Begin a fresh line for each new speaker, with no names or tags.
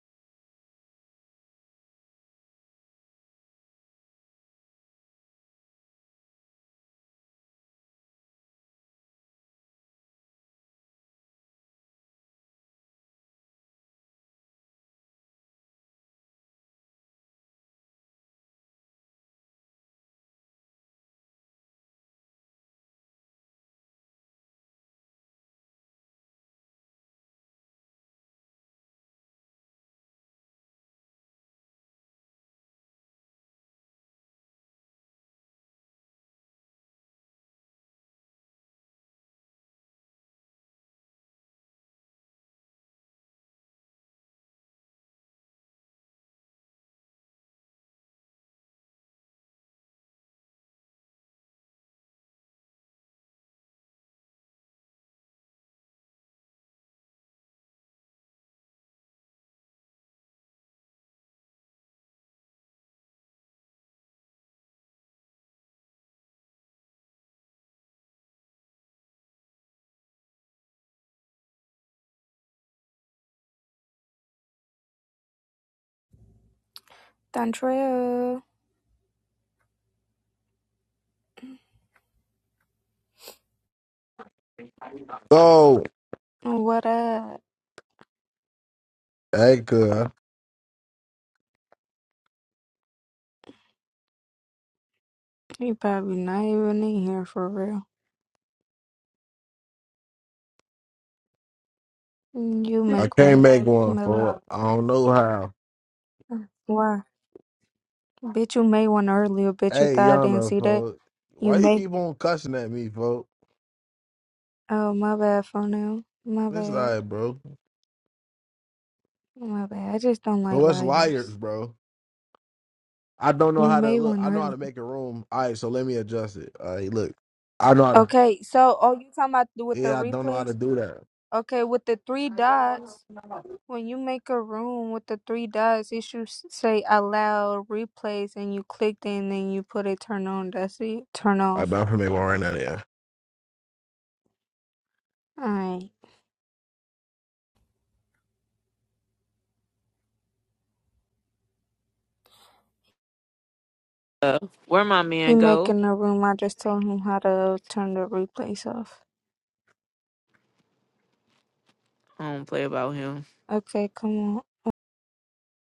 Dontrell,
So,
what up?
hey, good.
You probably not even in here for real. You
I
make
can't
one,
make one,
Mellow.
folks. I don't know how.
Why? Bitch, you made one earlier. Bitch, you
Hey,
thought I didn't
Yana,
see that.
folks.
You
Why you
made.
keep on cussing at me, folks?
Oh, my bad, for now. My
It's
bad.
like, bro.
My bad. I just don't like
No, us liars,
liars.
bro. I don't know
You
how to
made
look.
one
I know how to
earlier.
make a room. All right, so let me adjust it. All right, look. I know how to.
Okay, so, oh, you talking about with the
Yeah, I don't know how to
replays?
do that. All
Okay, with the three dots. When you make a room with the three dots, it should s- say allow replays, and you clicked it, and then you put it turn on. That's it. Turn
right,
off.
but I'm going to make one right now, yeah.
Alright.
Uh, where my
He
man go?
making a room. I just told him how to turn the replays off.
I don't play about him.
Okay, come on.